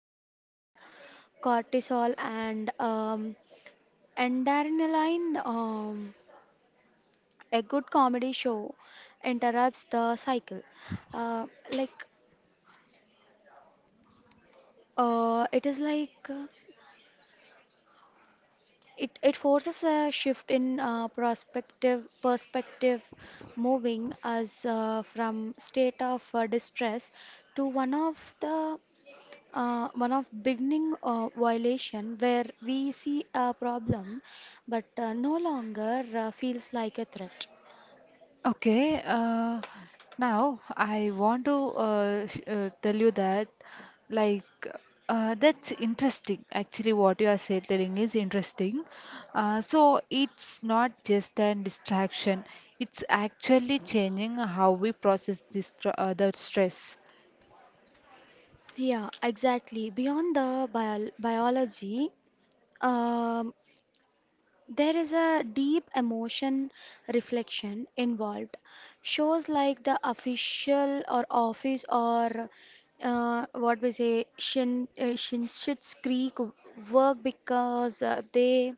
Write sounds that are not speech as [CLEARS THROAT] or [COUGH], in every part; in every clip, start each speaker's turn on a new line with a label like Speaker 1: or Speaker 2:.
Speaker 1: hormones, cortisol, and Darinaline. A good comedy show interrupts the cycle. Uh, like it is like it forces a shift in perspective, moving us from state of distress to one of beginning violation where we see a problem but no longer feels like a threat.
Speaker 2: Okay, uh, Now I want to tell you that, like, that's interesting. Actually, what you are telling is interesting. So it's not just a distraction; it's actually changing how we process the stress.
Speaker 1: Yeah, exactly. Beyond the biology, um, there is a deep emotion reflection involved. Shows like the official or office or what we say Shin Shinshit's Creek work because they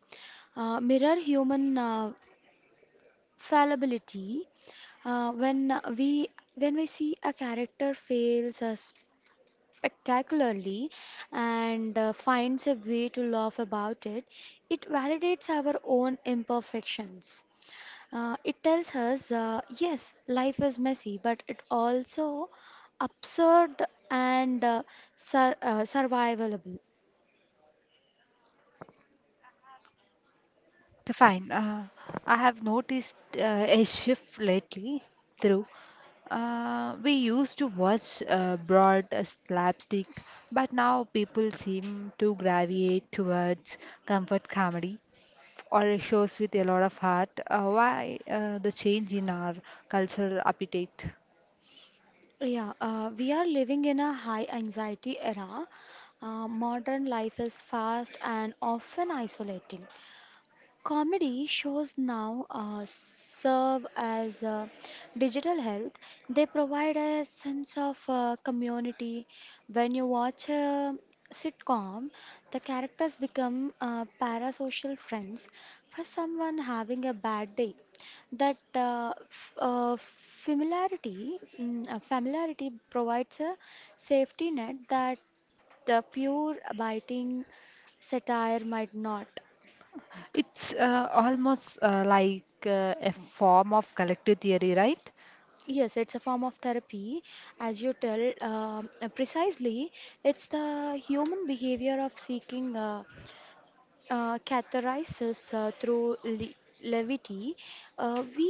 Speaker 1: mirror human fallibility. Uh, when we when we see a character fails us spectacularly and finds a way to laugh about it, it validates our own imperfections. It tells us, yes, life is messy, but it also absurd and survivable.
Speaker 2: Okay, fine. I have noticed a shift lately through. We used to watch broad slapstick, but now people seem to gravitate towards comfort comedy or shows with a lot of heart. Why the change in our cultural appetite?
Speaker 1: Yeah, we are living in a high anxiety era. Modern life is fast and often isolating. Comedy shows now serve as digital health. They provide a sense of community. When you watch a sitcom, the characters become parasocial friends. For someone having a bad day, that familiarity provides a safety net that pure biting satire might not.
Speaker 2: It's almost like a form of collective theory, right?
Speaker 1: Yes, it's a form of therapy, as you tell. Precisely, it's the human behavior of seeking catharsis through le levity. We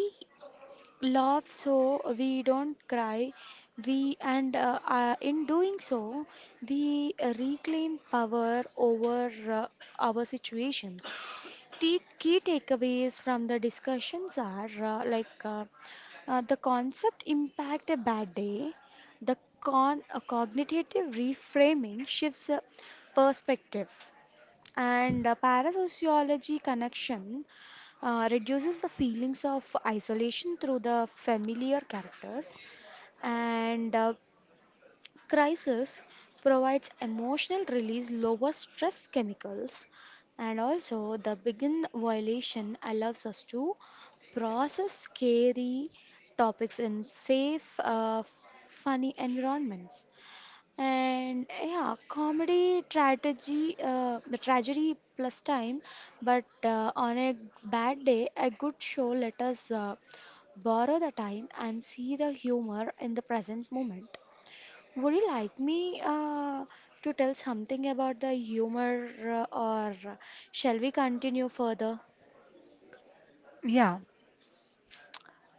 Speaker 1: laugh so we don't cry. We and In doing so, we reclaim power over our situations. Key takeaways from the discussions are the concept impact a bad day, cognitive reframing shifts perspective, and parasociology connection reduces the feelings of isolation through the familiar characters, and Crisis provides emotional release, lower stress chemicals, and also the begin violation allows us to process scary topics in safe, funny environments. And yeah, comedy, tragedy, the tragedy plus time, but on a bad day, a good show let us borrow the time and see the humor in the present moment. Would you like me to tell something about the humor, or shall we continue further?
Speaker 2: Yeah.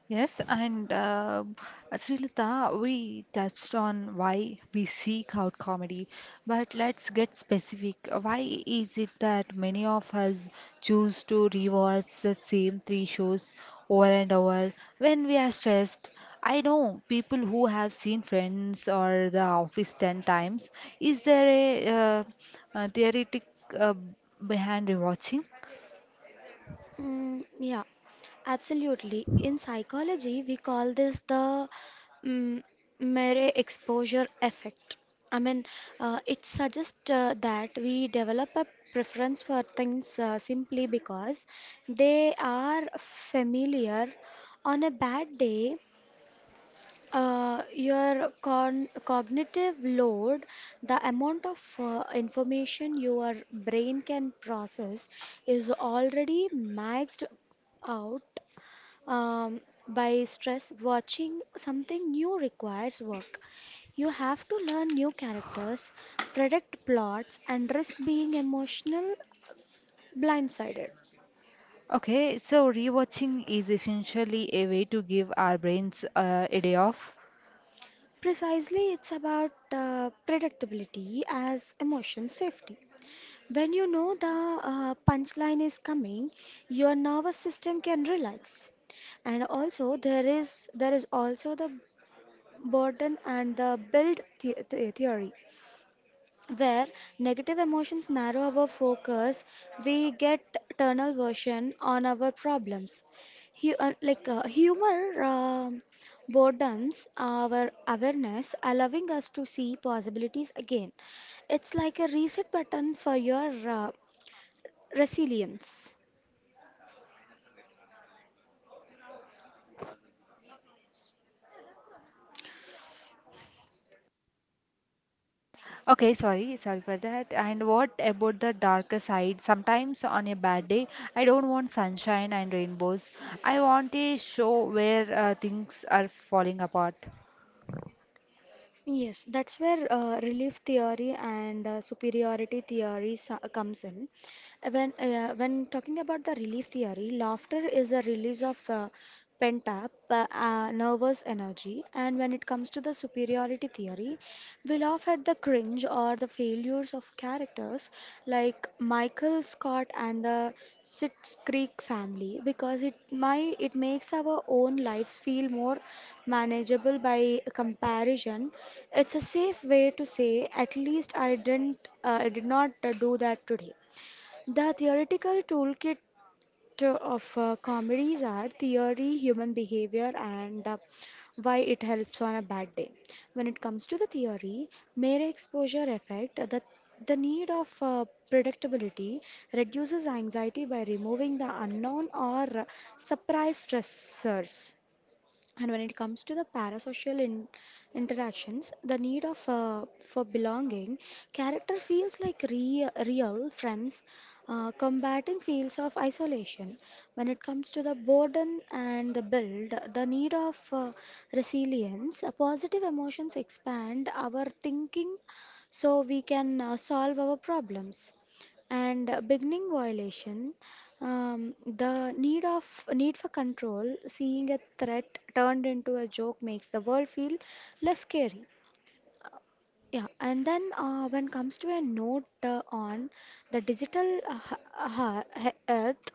Speaker 2: Yes, and Srilata, we touched on why we seek out comedy, but let's get specific. Why is it that many of us choose to rewatch the same three shows over and over when we are stressed? I know people who have seen Friends or The Office 10 times. Is there a theoretic uh, behind rewatching?
Speaker 1: Mm, yeah, absolutely. In psychology, we call this the mm, mere exposure effect. I mean, it suggests that we develop a preference for things simply because they are familiar. On a bad day, your con cognitive load, the amount of information your brain can process, is already maxed out um, by stress. Watching something new requires work. You have to learn new characters, predict plots, and risk being emotional blindsided.
Speaker 2: Okay, so rewatching is essentially a way to give our brains a day off.
Speaker 1: Precisely, it's about predictability as emotion safety. When you know the punchline is coming, your nervous system can relax. And also there is also the burden and the build the theory where negative emotions narrow our focus, we get tunnel version on our problems. Humor broadens our awareness, allowing us to see possibilities again. It's like a reset button for your Resilience.
Speaker 2: Okay, sorry, sorry for that. And what about the darker side? Sometimes on a bad day, I don't want sunshine and rainbows. I want a show where things are falling apart.
Speaker 1: Yes, that's where relief theory and superiority theory comes in. When talking about the relief theory, laughter is a release of the pent up nervous energy, and when it comes to the superiority theory, we laugh at the cringe or the failures of characters like Michael Scott and the Schitt's Creek family because it makes our own lives feel more manageable by comparison. It's a safe way to say at least I did not do that today. The theoretical toolkit of comedies are theory, human behavior, and why it helps on a bad day. When it comes to the theory, mere exposure effect, the need of predictability reduces anxiety by removing the unknown or surprise stressors. And when it comes to the parasocial interactions, the need of for belonging, character feels like real friends, combating feels of isolation. When it comes to the burden and the build, the need of resilience, positive emotions expand our thinking, so we can solve our problems and beginning violation the need of need for control, seeing a threat turned into a joke makes the world feel less scary. Yeah, and then when comes to a note on the digital earth,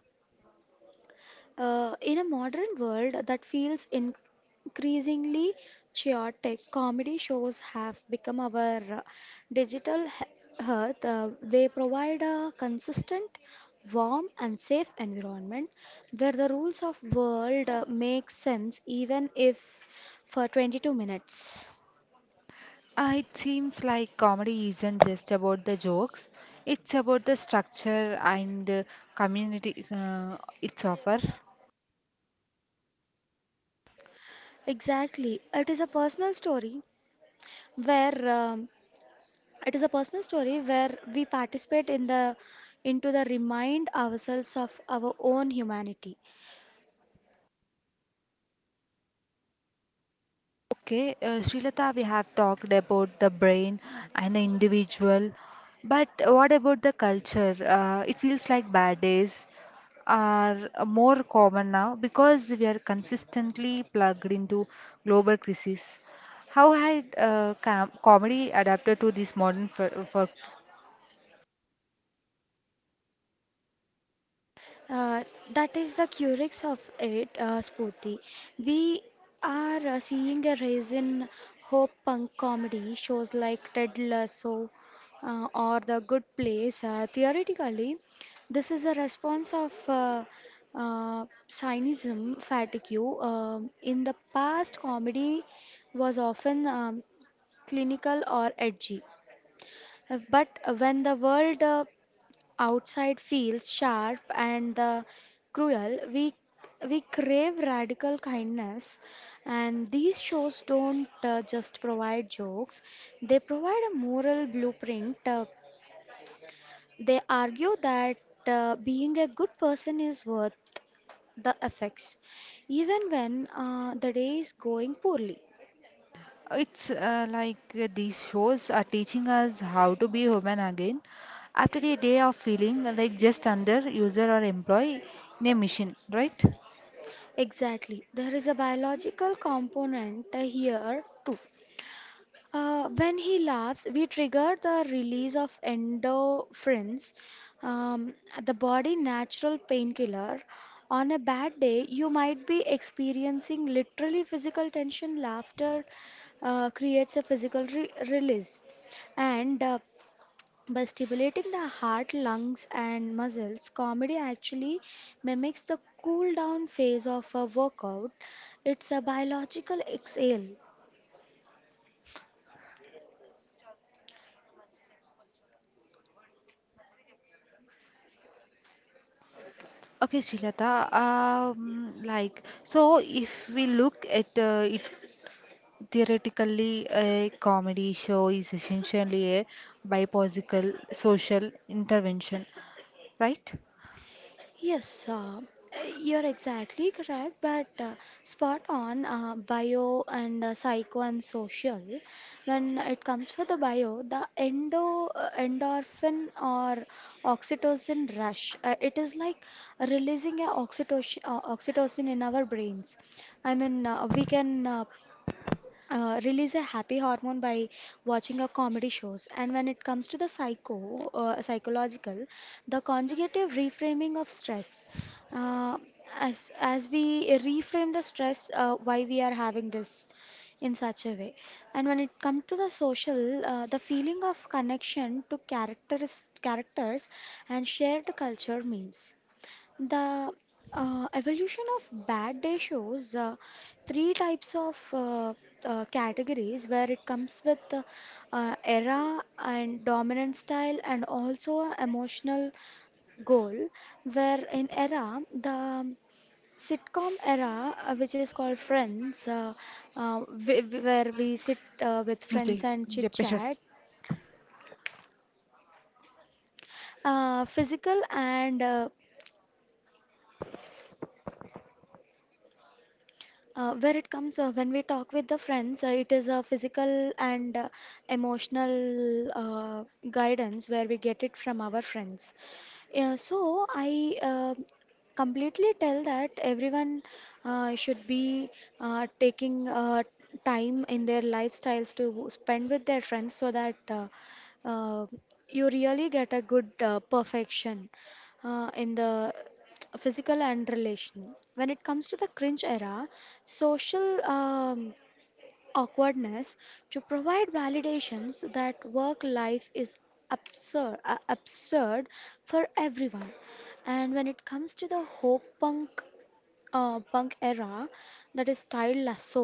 Speaker 1: in a modern world that feels increasingly chaotic, comedy shows have become our digital hearth. They provide a consistent, warm, and safe environment where the rules of world make sense even if for 22 minutes.
Speaker 2: It seems like comedy isn't just about the jokes, it's about the structure and community it's offer.
Speaker 1: Exactly. Where um, It is a personal story where we participate in the into the remind ourselves of our own humanity.
Speaker 2: Okay, Srilata, we have talked about the brain and the individual, but what about the culture? It feels like bad days are more common now because we are consistently plugged into global crises. How had comedy adapted to this modern work?
Speaker 1: Uh, that is the curix of it, Spurti. We are seeing a rise in hope punk comedy shows like Ted Lasso or The Good Place. Theoretically, this is a response of cynism fatigue. In the past, comedy was often clinical or edgy. But when the world outside feels sharp and cruel, we crave radical kindness, and these shows don't just provide jokes, they provide a moral blueprint. They argue that being a good person is worth the effects, even when the day is going poorly.
Speaker 2: It's like these shows are teaching us how to be human again after a day of feeling like just under user or employee in a machine, right?
Speaker 1: Exactly, there is a biological component here too. When he laughs, we trigger the release of endorphins, um, the body natural painkiller. On a bad day, you might be experiencing literally physical tension. Laughter creates a physical re release. And by stimulating the heart, lungs, and muscles, comedy actually mimics the cool down phase of a workout. It's a biological exhale.
Speaker 2: Okay, Shilata, like, so if we look at it theoretically, a comedy show is essentially a bipolitical social intervention, right?
Speaker 1: Yes, you're exactly correct, but spot on bio and psycho and social. When it comes for the bio, the endorphin or oxytocin rush, it is like releasing a oxytocin, oxytocin in our brains. I mean, we can release a happy hormone by watching a comedy shows. And when it comes to the psychological the conjugative reframing of stress, uh, as we reframe the stress why we are having this in such a way. And when it comes to the social, the feeling of connection to characters and shared culture memes, the evolution of bad day shows three types of categories where it comes with era and dominant style and also a emotional goal. Where in era, the sitcom era, which is called Friends, where we sit with friends
Speaker 2: Nujay,
Speaker 1: and
Speaker 2: yeah,
Speaker 1: chit chat,
Speaker 2: precious.
Speaker 1: physical and where it comes when we talk with the friends, it is a physical and emotional guidance where we get it from our friends. Yeah, so I completely tell that everyone should be taking time in their lifestyles to spend with their friends so that uh, you really get a good perfection in the [TSK] physical and relation. When it comes to the cringe era, social awkwardness to provide validations that work life is absurd for everyone. And when it comes to the hope punk punk era, that is style lasso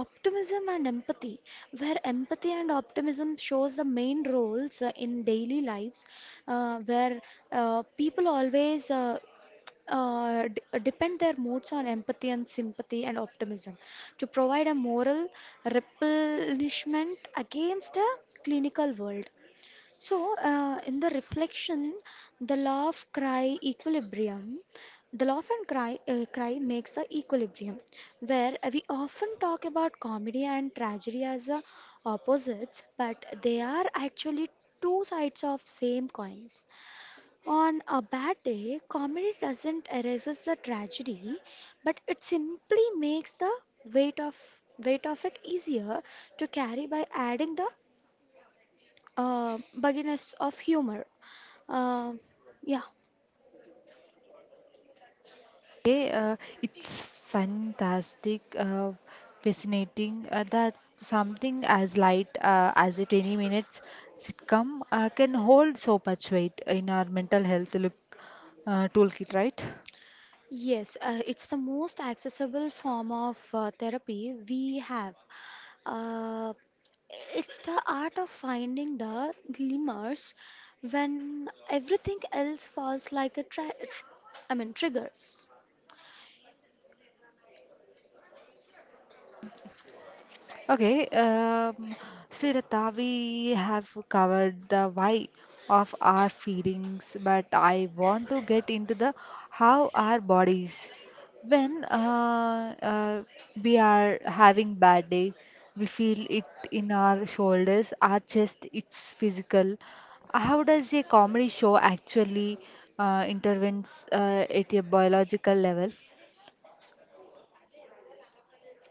Speaker 1: optimism and empathy where empathy and optimism shows the main roles in daily lives where people always depend their moods on empathy and sympathy and optimism to provide a moral replenishment against a clinical world. So, in the reflection, the law of cry equilibrium, the law of and cry, cry makes the equilibrium, where we often talk about comedy and tragedy as the opposites, but they are actually two sides of same coins. On a bad day, comedy doesn't erases the tragedy, but it simply makes the weight of weight of it easier to carry by adding the bugginess of humor. Uh, yeah,
Speaker 2: Okay, uh, it's fantastic, fascinating that something as light as a 20 minutes sitcom can hold so much weight in our mental health look toolkit, right?
Speaker 1: yes, it's the most accessible form of therapy we have. Uh, it's the art of finding the glimmers when everything else falls like a I mean triggers.
Speaker 2: Okay, um, Sridhar, we have covered the why of our feelings, but I want to get into the how our bodies. When we are having bad day, we feel it in our shoulders, our chest. It's physical. How does a comedy show actually intervenes at a biological level?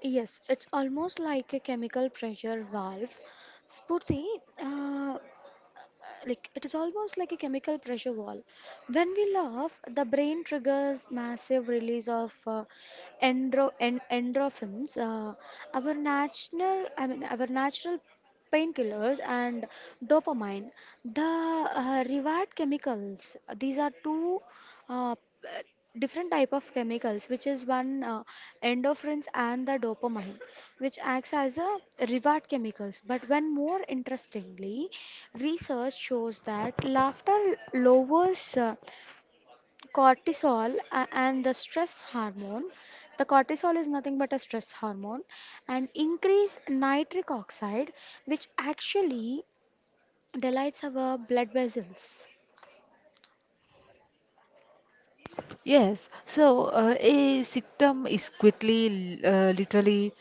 Speaker 1: Yes, it's almost like a chemical pressure valve. Spurti, uh, like it is almost like a chemical pressure wall. When we laugh, the brain triggers massive release of endro en endorphins, our natural, our natural painkillers and dopamine, the reward chemicals. These are two uh, different type of chemicals, which is one endorphins and the dopamine, which acts as a reward chemicals. But when more interestingly, research shows that laughter lowers cortisol and the stress hormone. The cortisol is nothing but a stress hormone and increase nitric oxide, which actually dilates our blood vessels.
Speaker 2: Yes, so a symptom is quickly, literally,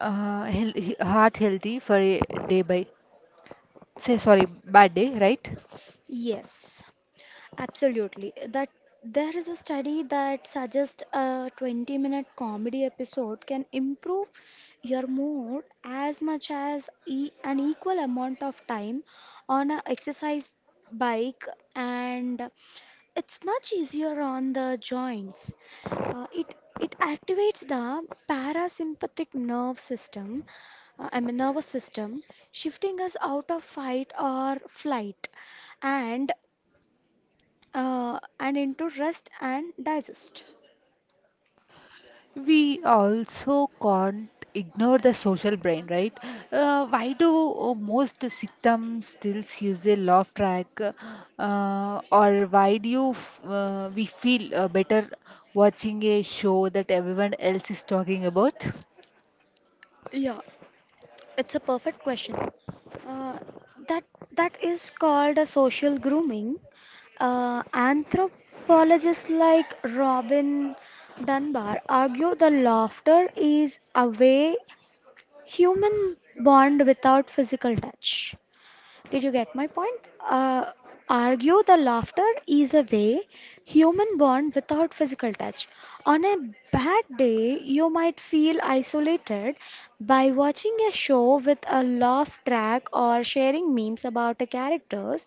Speaker 2: heart healthy for a day by, say, sorry, bad day, right?
Speaker 1: Yes. Absolutely. That there is a study that suggests a 20-minute comedy episode can improve your mood as much as e an equal amount of time on a exercise bike, and it's much easier on the joints. It activates the parasympathetic nerve system, I mean, nervous system, shifting us out of fight or flight. And and into rest and digest?
Speaker 2: We also can't ignore the social brain, right? Why do most symptoms still use a laugh track, or why do you f we feel better watching a show that everyone else is talking about?
Speaker 1: Yeah, it's a perfect question. Uh, that that is called a social grooming. Anthropologists like Robin Dunbar argue the laughter is a way human bond without physical touch. Did you get my point? Uh, argue the laughter is a way human bond without physical touch. On a bad day, you might feel isolated by watching a show with a laugh track or sharing memes about the characters.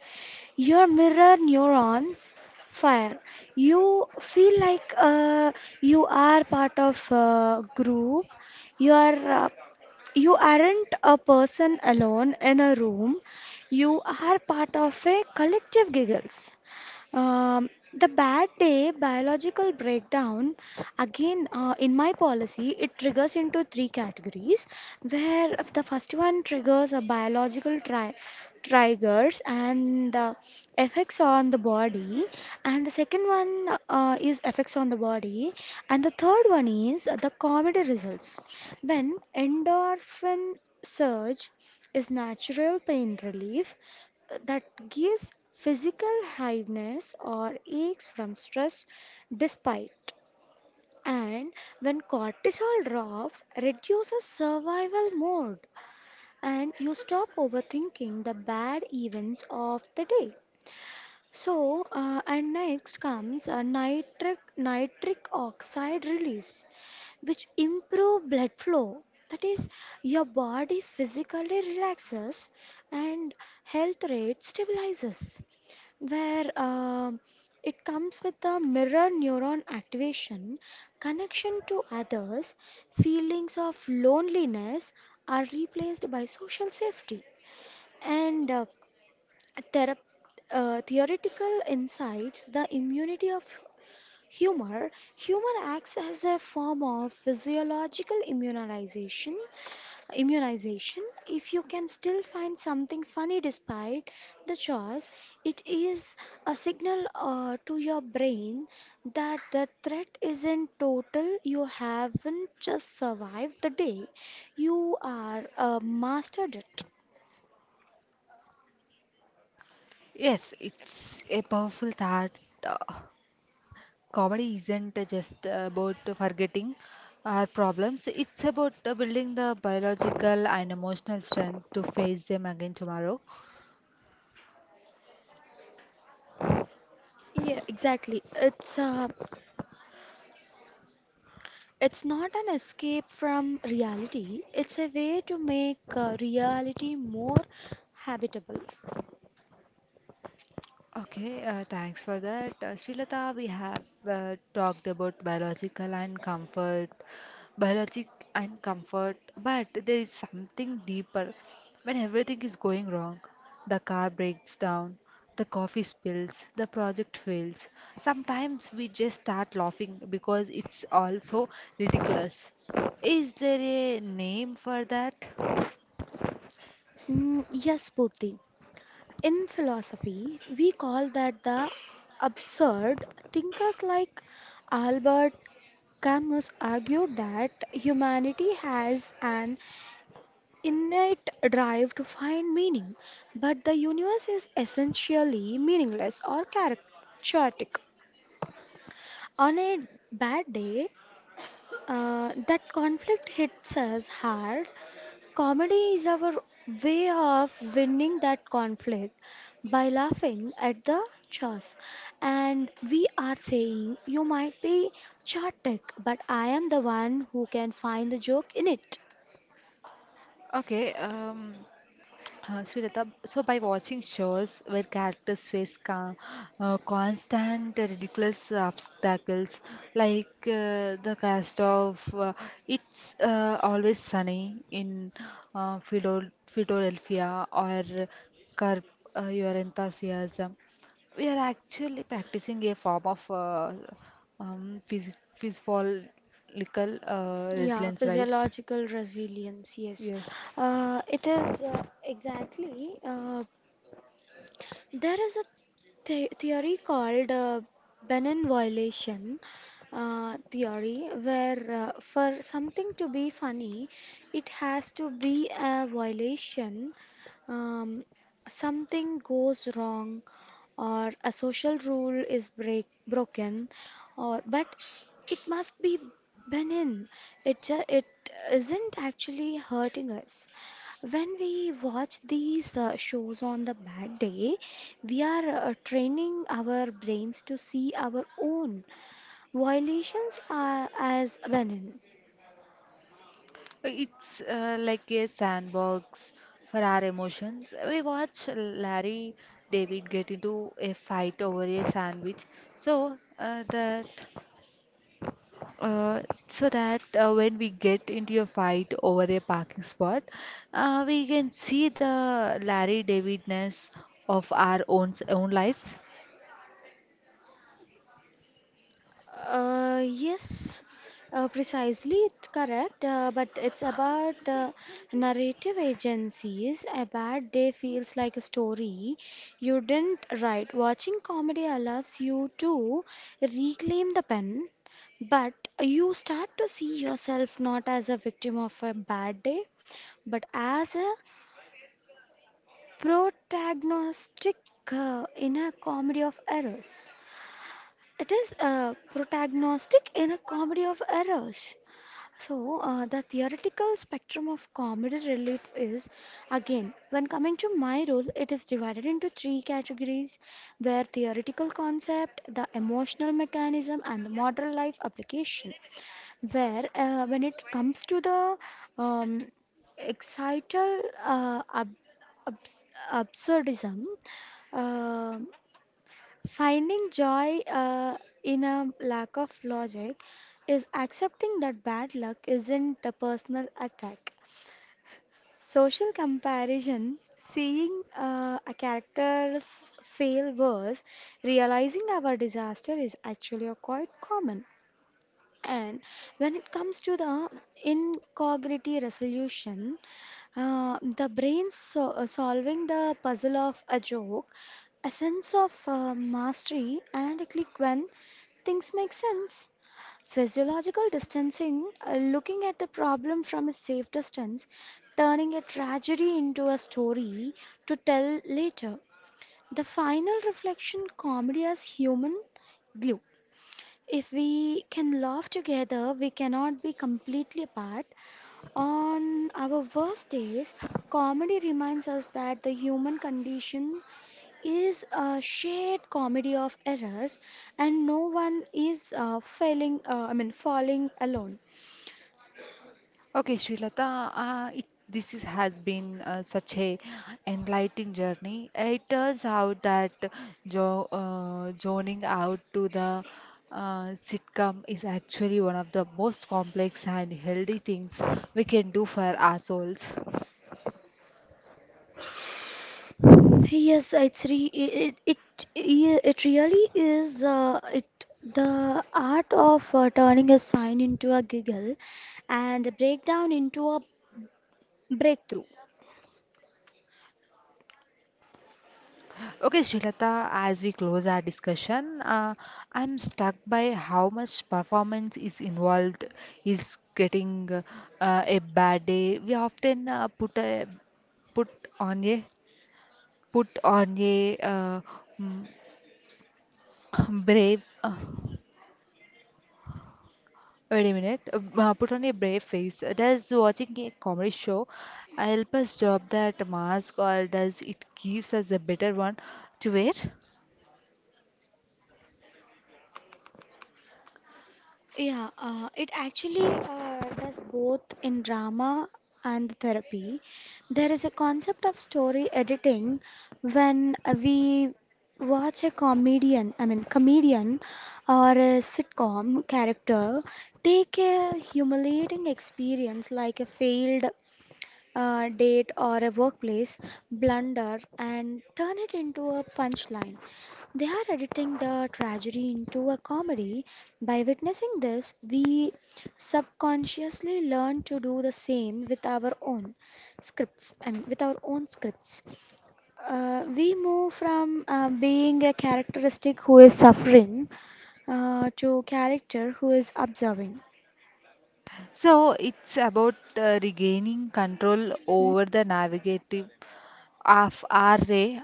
Speaker 1: Your mirror neurons fire. You feel like you are part of a group. You are uh, you aren't a person alone in a room, you are part of a collective giggles. The bad day biological breakdown again in my policy it triggers into three categories where if the first one triggers a biological triggers and the effects on the body, and the second one is effects on the body, and the third one is the comedy results. When endorphin surge is natural pain relief, that gives physical heaviness or aches from stress despite. And when cortisol drops, reduces survival mode and you stop overthinking the bad events of the day. So and next comes a nitric oxide release which improve blood flow. That is, your body physically relaxes and health rate stabilizes. Where it comes with the mirror neuron activation, connection to others, feelings of loneliness are replaced by social safety. And therap- theoretical insights, the immunity of humor. Humor acts as a form of physiological immunization. Immunization. If you can still find something funny despite the chores, it is a signal to your brain that the threat isn't total. You haven't just survived the day. You are mastered it.
Speaker 2: Yes, it's a powerful thought. uh, Comedy isn't just about forgetting our problems, it's about building the biological and emotional strength to face them again tomorrow.
Speaker 1: Yeah, exactly. It's not an escape from reality, it's a way to make reality more habitable.
Speaker 2: Okay, Thanks for that. Srilata, we have talked about biological and comfort, biologic and comfort, but there is something deeper. When everything is going wrong, the car breaks down, the coffee spills, the project fails. Sometimes we just start laughing because it's also ridiculous. Is there a name for that?
Speaker 1: Mm, yes, Purti. In philosophy, we call that the absurd. Thinkers like Albert Camus argued that humanity has an innate drive to find meaning, but the universe is essentially meaningless or characteristic. On a bad day, that conflict hits us hard. Comedy is our way of winning that conflict by laughing at the chaos. And we are saying, you might be chaotic, but I am the one who can find the joke in it.
Speaker 2: Okay, um, Srilata, so by watching shows where characters face constant ridiculous obstacles, like the cast of It's Always Sunny in Philadelphia or Curb Your Enthusiasm, we are actually practicing a form of physiological
Speaker 1: Yeah,
Speaker 2: resilience, right?
Speaker 1: physiological resilience, yes.
Speaker 2: Yes.
Speaker 1: It is exactly. There is a the theory called Benin violation theory, where for something to be funny, it has to be a violation. Um, Something goes wrong, or a social rule is break broken, or but it must be benign. It isn't actually hurting us. When we watch these shows on the bad day, we are training our brains to see our own violations as benign.
Speaker 2: It's like a sandbox for our emotions. We watch Larry David get into a fight over a sandwich, so uh, that uh, so that when we get into a fight over a parking spot, we can see the Larry Davidness of our own lives.
Speaker 1: Yes, precisely, it's correct, but it's about narrative agencies. A bad day feels like a story you didn't write. Watching comedy allows you to reclaim the pen, but you start to see yourself not as a victim of a bad day, but as a protagonistic in a comedy of errors. It is protagonistic in a comedy of errors. So, the theoretical spectrum of comedy relief is again, when coming to my role, it is divided into three categories where theoretical concept, the emotional mechanism, and the modern life application. Where, when it comes to the um, excital uh, ab- abs- absurdism, um finding joy in a lack of logic is accepting that bad luck isn't a personal attack. Social comparison, seeing a character's fail worse, realizing our disaster is actually a quite common. And when it comes to the incognito resolution, the brain so solving the puzzle of a joke, a sense of mastery, and a click when things make sense. Physiological distancing, looking at the problem from a safe distance, turning a tragedy into a story to tell later. The final reflection, comedy as human glue. If we can laugh together, we cannot be completely apart. On our worst days, comedy reminds us that the human condition is a shared comedy of errors and no one is falling alone.
Speaker 2: Srilata, this has been such a enlightening journey. It turns out that jo zoning out to the sitcom is actually one of the most complex and healthy things we can do for our souls.
Speaker 1: Yes, it's re it it it, yeah, it really is it the art of turning a sign into a giggle and a breakdown into a breakthrough.
Speaker 2: Okay, Shilata. As we close our discussion, I'm struck by how much performance is involved, is getting a bad day. We often put a put on a put on a mm, [CLEARS THROAT] brave. Wait a minute. Put on a brave face. Does watching a comedy show help us drop that mask, or does it gives us a better one to wear?
Speaker 1: Yeah, it actually does both in drama and therapy. There is a concept of story editing when we watch a comedian, I mean, comedian or a sitcom character take a humiliating experience like a failed a date or a workplace blunder and turn it into a punchline. They are editing the tragedy into a comedy. By witnessing this, we subconsciously learn to do the same with our own scripts, I mean, with our own scripts. We move from being a characteristic who is suffering to character who is observing.
Speaker 2: So it's about regaining control
Speaker 1: Hmm?
Speaker 2: over the navigative of our day.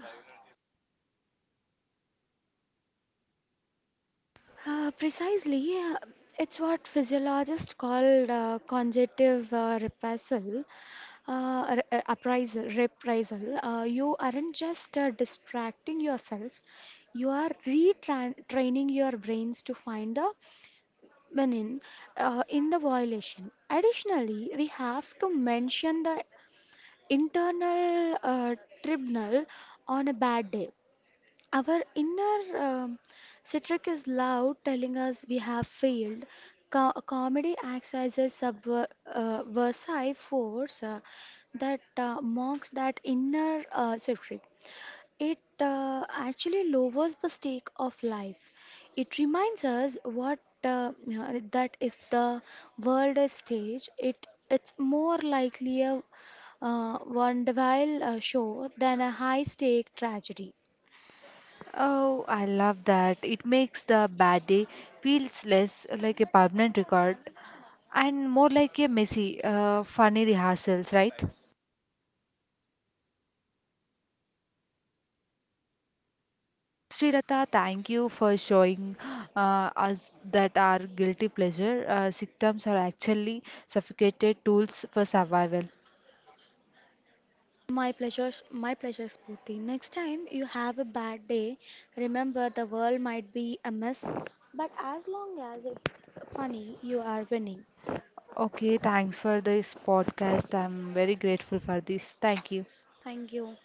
Speaker 1: Precisely, it's what physiologists call conjunctive reprisal. Appraisal, reprisal. You aren't just distracting yourself, you are retraining your brains to find the meaning in the violation. Additionally, we have to mention the internal tribunal on a bad day. Our inner Citric is loud, telling us we have failed. Comedy acts as a subversive versive force that mocks that inner Citric. It actually lowers the stake of life. It reminds us what that if the world is stage, it's more likely a vaudeville show than a high-stake tragedy.
Speaker 2: Oh, I love that. It makes the bad day feels less like a permanent record and more like a messy, funny rehearsals, right? Srirata, thank you for showing us that our guilty pleasure symptoms are actually suffocated tools for survival.
Speaker 1: My pleasure, Spooty. Next time you have a bad day, remember the world might be a mess, but as long as it's funny, you are winning.
Speaker 2: Okay, thanks for this podcast. I'm very grateful for this. Thank you.
Speaker 1: Thank you.